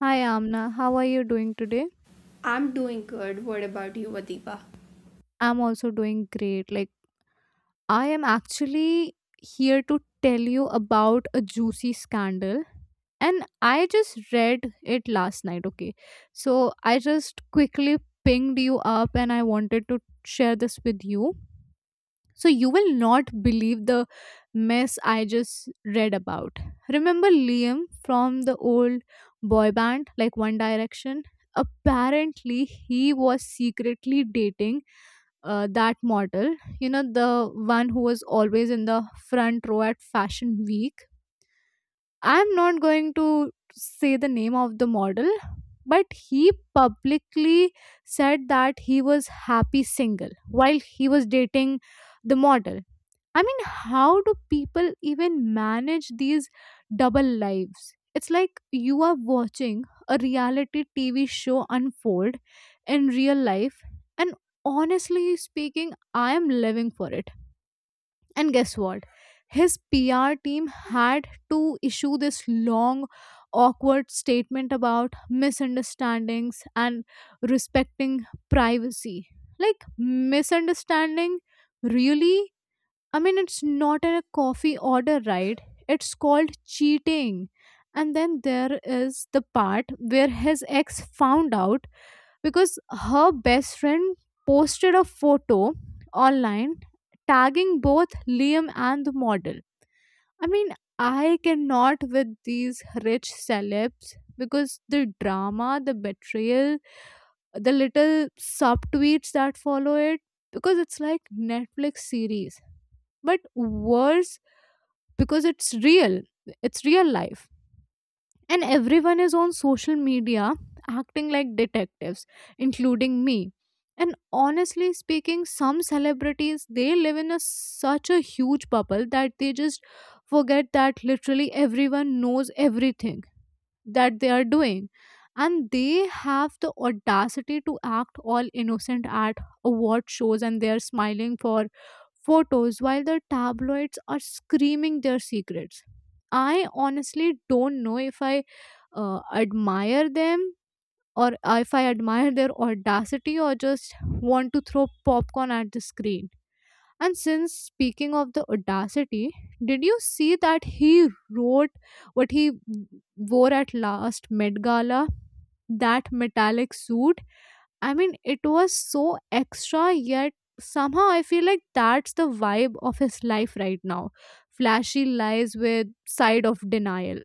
Hi Amna, how are you doing today? I'm doing good. What about you, Adiba? I'm also doing great. I am actually here to tell you about a juicy scandal. And I just read it last night, okay? So I just quickly pinged you up and I wanted to share this with you. So you will not believe the mess I just read about. Remember Liam from the old boy band, like One Direction? Apparently, he was secretly dating that model, the one who was always in the front row at Fashion Week. I'm not going to say the name of the model, but he publicly said that he was happy single while he was dating the model. How do people even manage these double lives? It's like you are watching a reality TV show unfold in real life, and honestly speaking, I am living for it. And guess what? His PR team had to issue this long, awkward statement about misunderstandings and respecting privacy. Like, misunderstanding? Really? It's not a coffee order, right? It's called cheating. And then there is the part where his ex found out because her best friend posted a photo online tagging both Liam and the model. I mean, I cannot with these rich celebs because the drama, the betrayal, the little sub tweets that follow it, because it's like Netflix series. But worse because it's real. It's real life and everyone is on social media acting like detectives, including me. And honestly speaking, some celebrities, they live in such a huge bubble that they just forget that literally everyone knows everything that they are doing, and they have the audacity to act all innocent at award shows, and they are smiling for photos while the tabloids are screaming their secrets. I honestly don't know if I admire them, or if I admire their audacity, or just want to throw popcorn at the screen. And since speaking of the audacity, did you see that he wrote what he wore at last Met Gala? That metallic suit? I mean, it was so extra, yet somehow I feel like that's the vibe of his life right now. Flashy lies with side of denial.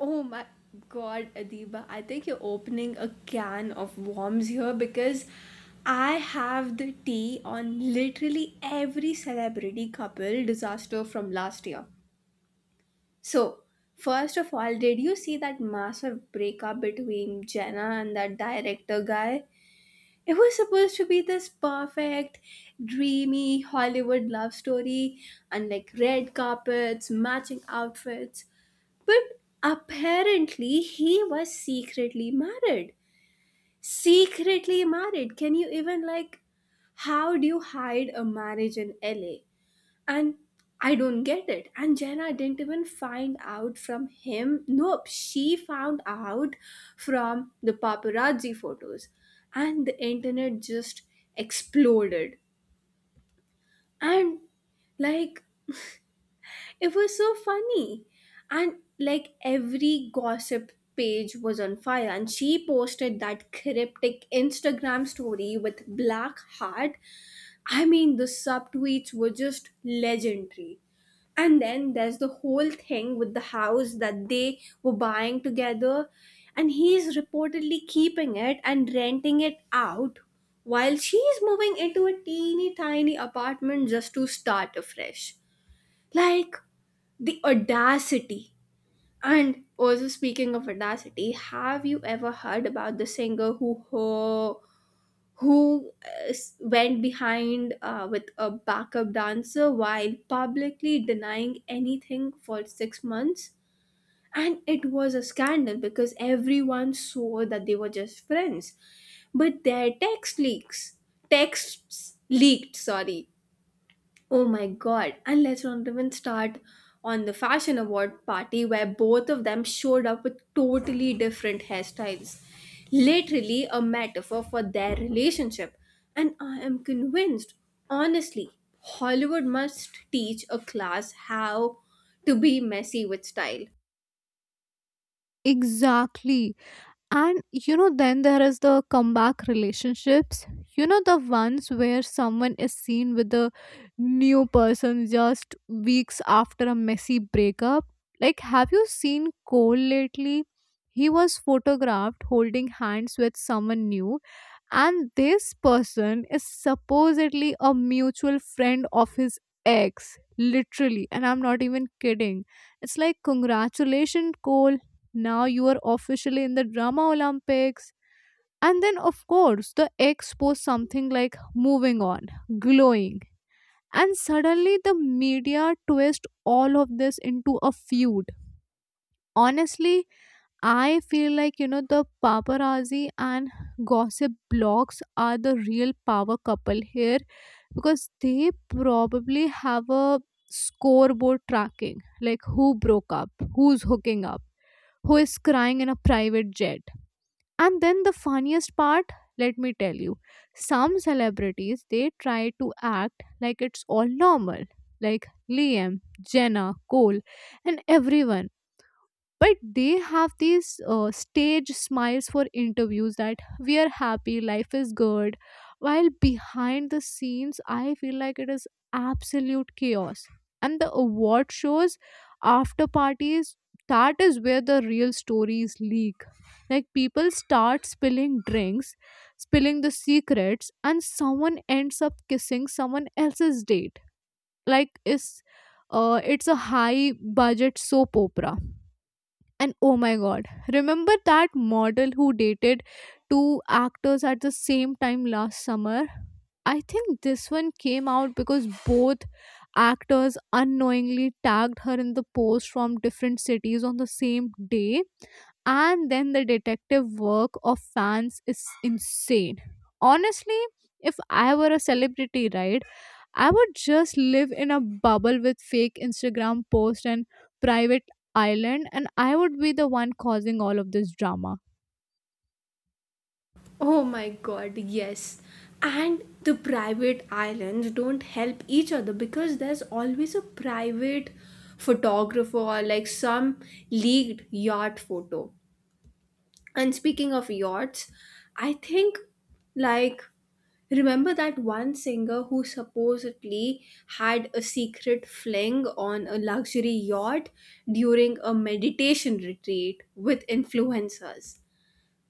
Oh my god, Adiba. I think you're opening a can of worms here because I have the tea on literally every celebrity couple disaster from last year. So, first of all, did you see that massive breakup between Jenna and that director guy? It was supposed to be this perfect, dreamy Hollywood love story and like red carpets, matching outfits. But apparently he was secretly married. Secretly married. Can you even like, how do you hide a marriage in LA? And I don't get it. And Jenna didn't even find out from him. Nope, she found out from the paparazzi photos. And the internet just exploded. And like, it was so funny. And like every gossip page was on fire and she posted that cryptic Instagram story with black heart. I mean the subtweets were just legendary. And then there's the whole thing with the house that they were buying together and he's reportedly keeping it and renting it out while she's moving into a teeny tiny apartment just to start afresh. Like, the audacity. And also, speaking of audacity, have you ever heard about the singer who went behind with a backup dancer while publicly denying anything for 6 months? And it was a scandal because everyone saw that they were just friends, but their texts leaked, sorry. Oh my god, and let's not even start on the fashion award party where both of them showed up with totally different hairstyles. Literally a metaphor for their relationship. And I am convinced, honestly, Hollywood must teach a class how to be messy with style. Exactly. And you know, then there is the comeback relationships. You know, the ones where someone is seen with a new person just weeks after a messy breakup. Like, have you seen Cole lately? He was photographed holding hands with someone new, and this person is supposedly a mutual friend of his ex, literally, and I'm not even kidding. It's like, congratulations, Cole, now you are officially in the drama Olympics. And then of course the ex posts something like moving on, glowing, and suddenly the media twist all of this into a feud. Honestly, I feel like, the paparazzi and gossip blogs are the real power couple here because they probably have a scoreboard tracking like who broke up, who's hooking up, who is crying in a private jet. And then the funniest part, let me tell you, some celebrities they try to act like it's all normal, like Liam, Jenna, Cole, and everyone, but they have these stage smiles for interviews that we are happy, life is good, while behind the scenes I feel like it is absolute chaos. And the award shows, after parties, that is where the real stories leak. Like people start spilling drinks, spilling the secrets, and someone ends up kissing someone else's date. Like is it's a high budget soap opera. And oh my god, remember that model who dated two actors at the same time last summer? I think this one came out because both actors unknowingly tagged her in the post from different cities on the same day. And then the detective work of fans is insane. Honestly, if I were a celebrity, right? I would just live in a bubble with fake Instagram posts and private island, and I would be the one causing all of this drama. Oh my god, yes. And the private islands don't help each other because there's always a private photographer or like some leaked yacht photo. And speaking of yachts, I think like, remember that one singer who supposedly had a secret fling on a luxury yacht during a meditation retreat with influencers,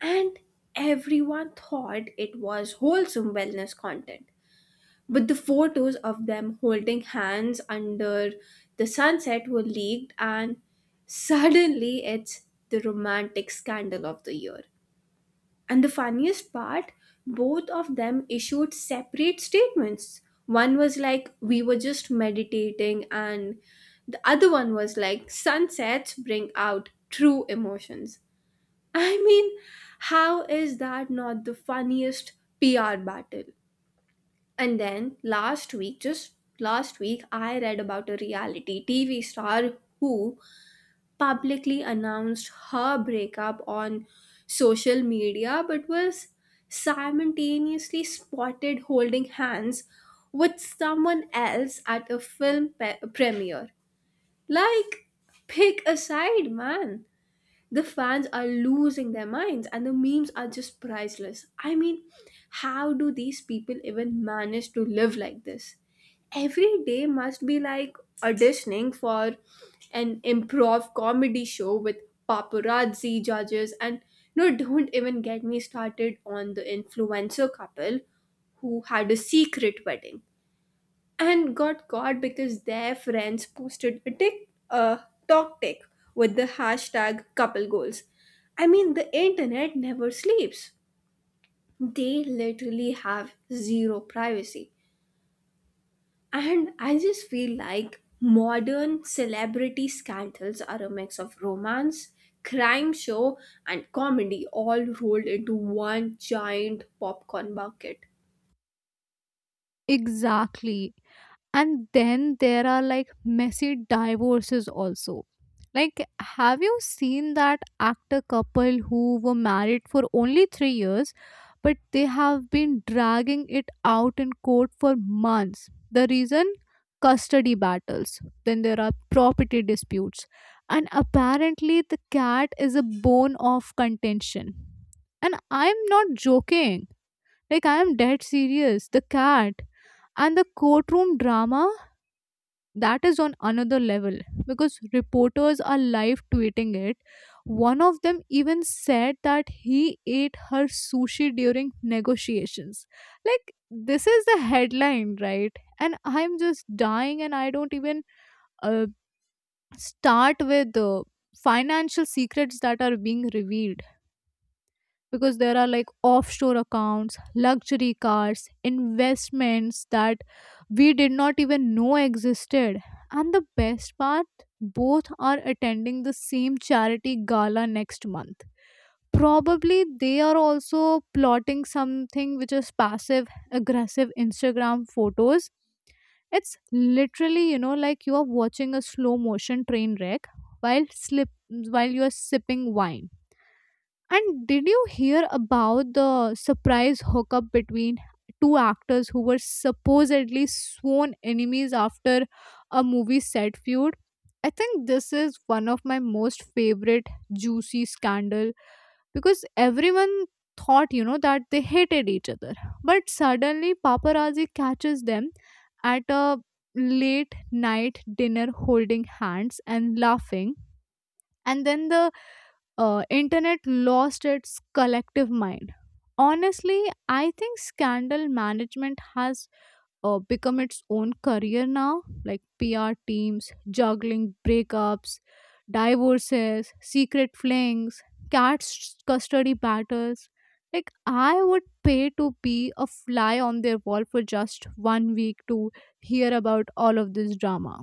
and everyone thought it was wholesome wellness content. But the photos of them holding hands under the sunset were leaked, and suddenly it's the romantic scandal of the year. And the funniest part, both of them issued separate statements. One was like, "We were just meditating," and the other one was like, "Sunsets bring out true emotions." I mean, how is that not the funniest PR battle? And then last week, just last week, I read about a reality TV star who publicly announced her breakup on social media but was simultaneously spotted holding hands with someone else at a film premiere. Like, pick a side, man. The fans are losing their minds and the memes are just priceless. I mean, how do these people even manage to live like this? Every day must be like auditioning for an improv comedy show with paparazzi judges. And no, don't even get me started on the influencer couple who had a secret wedding and got caught because their friends posted a tick a talk tick with the hashtag couple goals. I mean, the internet never sleeps. They literally have zero privacy, and I just feel like modern celebrity scandals are a mix of romance, crime show, and comedy all rolled into one giant popcorn bucket. Exactly. And then there are like messy divorces also. Like, have you seen that actor couple who were married for only three years, but they have been dragging it out in court for months? The reason? Custody battles. Then there are property disputes. And apparently, the cat is a bone of contention. And I'm not joking. Like, I am dead serious. The cat and the courtroom drama, that is on another level because reporters are live tweeting it. One of them even said that he ate her sushi during negotiations. Like, this is the headline, right? And I'm just dying, and I don't even uh, start with the financial secrets that are being revealed because there are like offshore accounts, luxury cars, investments that we did not even know existed. And the best part, both are attending the same charity gala next month. Probably they are also plotting something which is passive aggressive Instagram photos. It's literally, you know, like you are watching a slow motion train wreck while you are sipping wine. And did you hear about the surprise hookup between two actors who were supposedly sworn enemies after a movie set feud? I think this is one of my most favorite juicy scandal because everyone thought, you know, that they hated each other, but suddenly paparazzi catches them at a late night dinner holding hands and laughing. And then the internet lost its collective mind. Honestly, I think scandal management has become its own career now, like PR teams juggling breakups, divorces, secret flings, custody battles. Like, I would pay to be a fly on their wall for just one week to hear about all of this drama.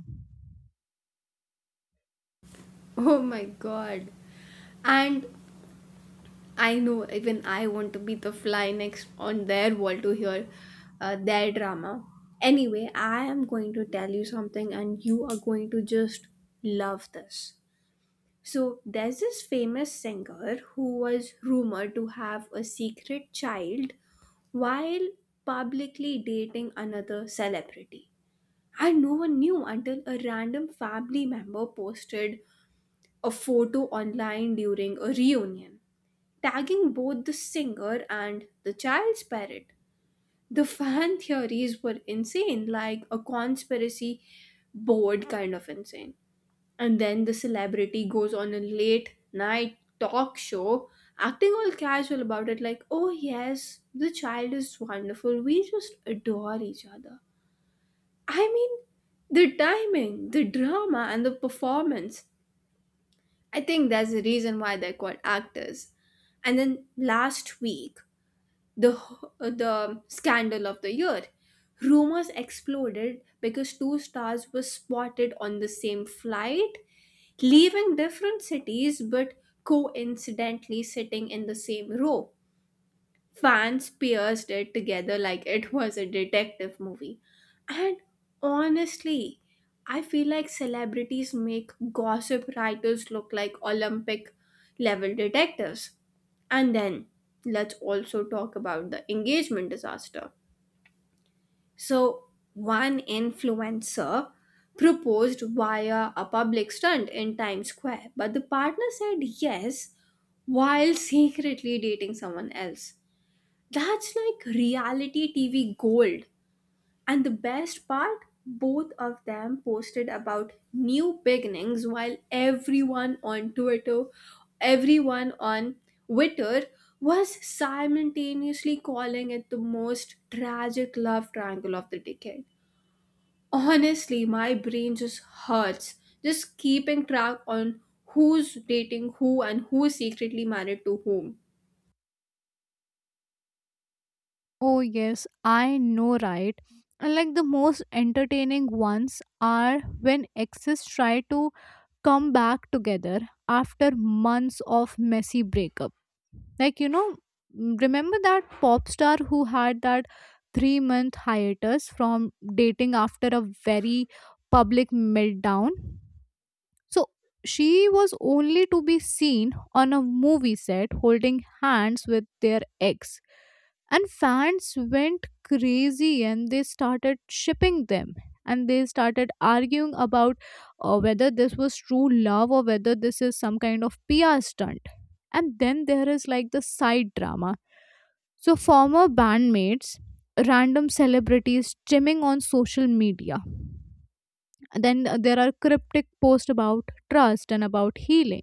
Oh my god. And I know, even I want to be the fly next on their wall to hear their drama. Anyway, I am going to tell you something and you are going to just love this. So, there's this famous singer who was rumored to have a secret child while publicly dating another celebrity. And no one knew until a random family member posted a photo online during a reunion tagging both the singer and the child's parent. The fan theories were insane, like a conspiracy board kind of insane. And then the celebrity goes on a late night talk show acting all casual about it, like, oh yes, the child is wonderful, we just adore each other. I mean, the timing, the drama, and the performance. I think that's the reason why they're called actors. And then last week, the the scandal of the year. Rumors exploded because two stars were spotted on the same flight, leaving different cities but coincidentally sitting in the same row. Fans pierced it together like it was a detective movie. And honestly, I feel like celebrities make gossip writers look like Olympic level detectives. And then, let's also talk about the engagement disaster. So, one influencer proposed via a public stunt in Times Square, but the partner said yes while secretly dating someone else. That's like reality TV gold. And the best part, both of them posted about new beginnings while everyone on Twitter was simultaneously calling it the most tragic love triangle of the decade. Honestly, my brain just hurts just keeping track on who's dating who and who's secretly married to whom. Oh, yes, I know, right? And like the most entertaining ones are when exes try to come back together after months of messy breakups. Like, you know, remember that pop star who had that three-month hiatus from dating after a very public meltdown? So she was only to be seen on a movie set holding hands with their ex. And fans went crazy and they started shipping them. And they started arguing about whether this was true love or whether this is some kind of PR stunt. And then there is like the side drama. So, former bandmates, random celebrities chiming on social media. Then there are cryptic posts about trust and about healing.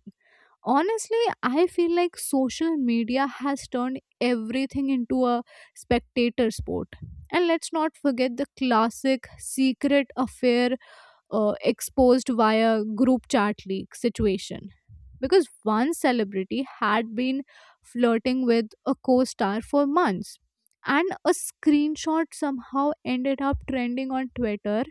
Honestly, I feel like social media has turned everything into a spectator sport. And let's not forget the classic secret affair exposed via group chat leak situation. Because one celebrity had been flirting with a co star for months, and a screenshot somehow ended up trending on Twitter,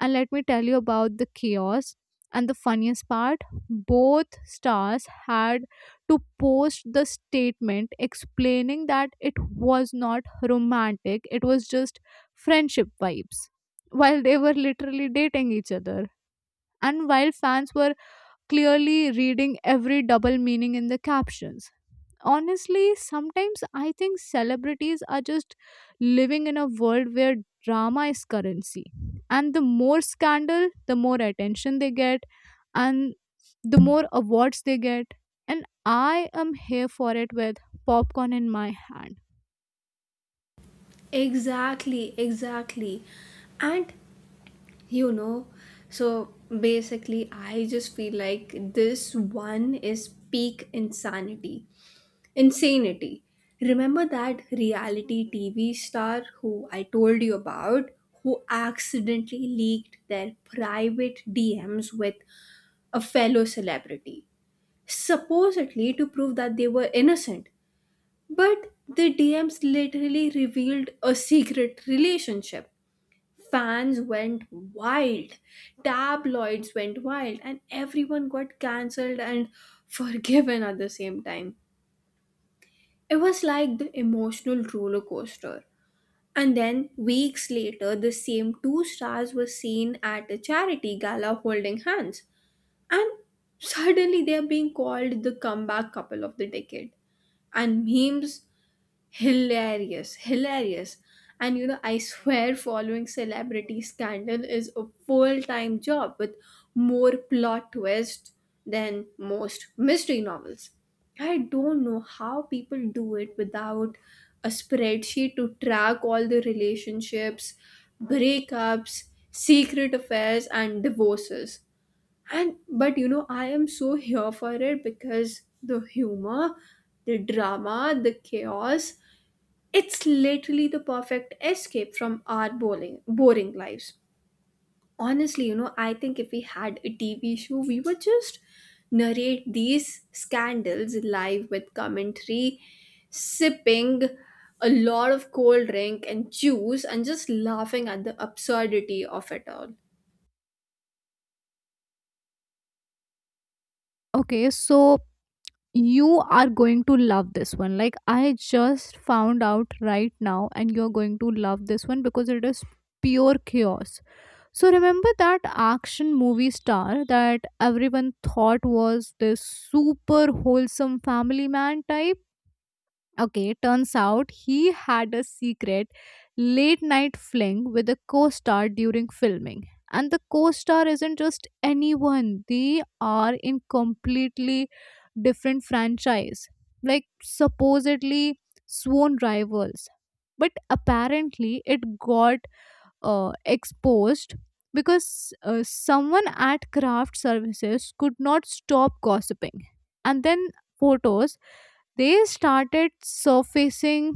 and let me tell you about the chaos. And the funniest part, both stars had to post the statement explaining that it was not romantic, it was just friendship vibes, while they were literally dating each other. And while fans were clearly reading every double meaning in the captions, honestly sometimes I think celebrities are just living in a world where drama is currency, and the more scandal the more attention they get, and the more awards they get, and I am here for it with popcorn in my hand. Exactly, exactly. And you know, so basically I just feel like this one is peak insanity. Remember that reality TV star who I told you about, who accidentally leaked their private DMs with a fellow celebrity, supposedly to prove that they were innocent, but the DMs literally revealed a secret relationship. Fans went wild, tabloids went wild, and everyone got cancelled and forgiven at the same time. It was like the emotional roller coaster. And then, weeks later, the same two stars were seen at a charity gala holding hands. And suddenly, they are being called the comeback couple of the decade. And memes, hilarious, hilarious. And you know, I swear following celebrity scandal is a full time job with more plot twists than most mystery novels. I don't know how people do it without a spreadsheet to track all the relationships, breakups, secret affairs, and divorces. And but you know, I am so here for it because the humor, the drama, the chaos, it's literally the perfect escape from our boring, boring lives. Honestly, you know, I think if we had a TV show, we would just narrate these scandals live with commentary, sipping a lot of cold drink and juice, and just laughing at the absurdity of it all. Okay, so you are going to love this one. Like, I just found out right now and you're going to love this one because it is pure chaos. So remember that action movie star that everyone thought was this super wholesome family man type? Okay, turns out he had a secret late night fling with a co star during filming. And the co star isn't just anyone, they are in completely different franchise, like supposedly sworn rivals. But apparently, it got exposed because someone at craft services could not stop gossiping, and then photos, they started surfacing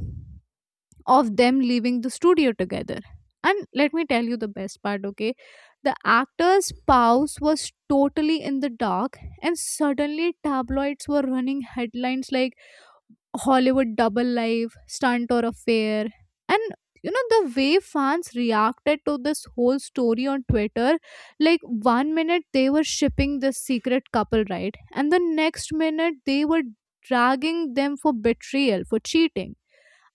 of them leaving the studio together. And let me tell you the best part, okay, the actor's spouse was totally in the dark, and suddenly tabloids were running headlines like Hollywood double life, stunt or affair. And you know, the way fans reacted to this whole story on Twitter, like one minute they were shipping this secret couple, right? And the next minute they were dragging them for betrayal, for cheating.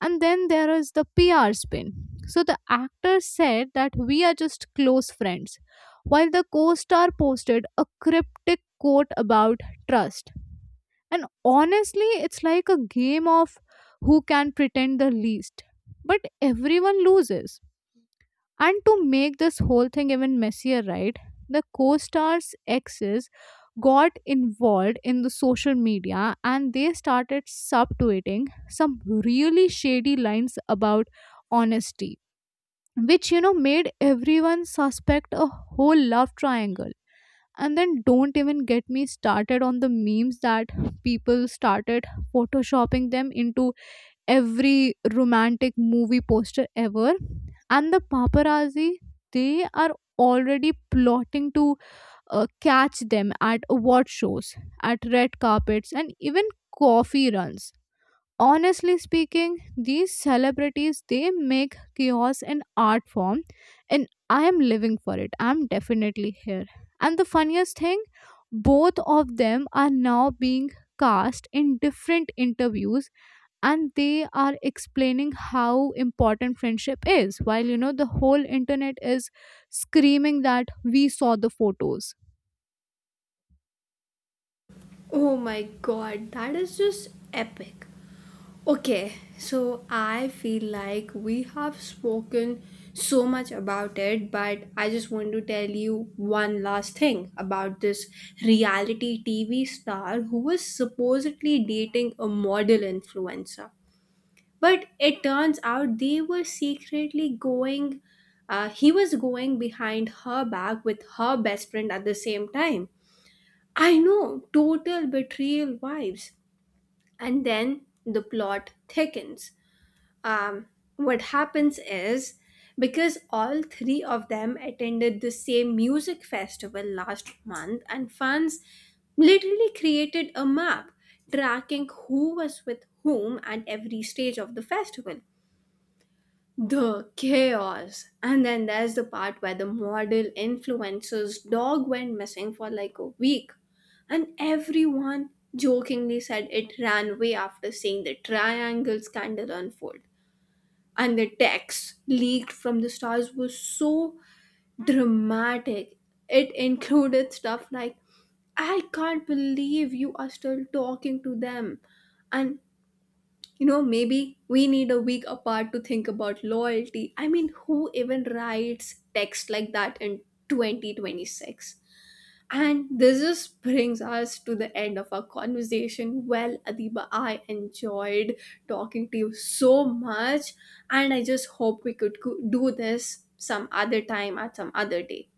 And then there is the PR spin. So the actor said that we are just close friends, while the co star posted a cryptic quote about trust. And honestly, it's like a game of who can pretend the least. But everyone loses. And to make this whole thing even messier, right? The co star's exes got involved in the social media and they started subtweeting some really shady lines about honesty, which you know made everyone suspect a whole love triangle. And then don't even get me started on the memes that people started photoshopping them into every romantic movie poster ever. And the paparazzi, they are already plotting to catch them at award shows, at red carpets, and even coffee runs. Honestly speaking, these celebrities they make chaos an art form. And I am living for it, I'm definitely here. And the funniest thing, both of them are now being cast in different interviews and they are explaining how important friendship is while you know the whole internet is screaming that we saw the photos. Oh my god, that is just epic. Okay, so I feel like we have spoken so much about it, but I just want to tell you one last thing about this reality TV star who was supposedly dating a model influencer. But it turns out they were secretly going, he was going behind her back with her best friend at the same time. I know, total betrayal vibes. And then the plot thickens. um, what happens is, because all three of them attended the same music festival last month, and fans literally created a map tracking who was with whom at every stage of the festival. The chaos. And then there's the part where the model influencer's dog went missing for like a week. And everyone jokingly said it ran away after seeing the triangle scandal unfold. And the text leaked from the stars was so dramatic. It included stuff like, "I can't believe you are still talking to them." And, you know, maybe we need a week apart to think about loyalty. I mean, who even writes text like that in 2026? And this just brings us to the end of our conversation. Well, Adiba, I enjoyed talking to you so much, and I just hope we could do this some other time at some other day.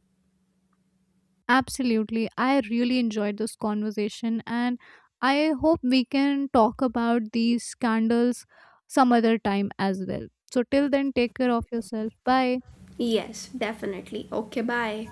Absolutely. I really enjoyed this conversation and I hope we can talk about these scandals some other time as well. So, till then, take care of yourself. Bye. Yes, definitely. Okay, bye.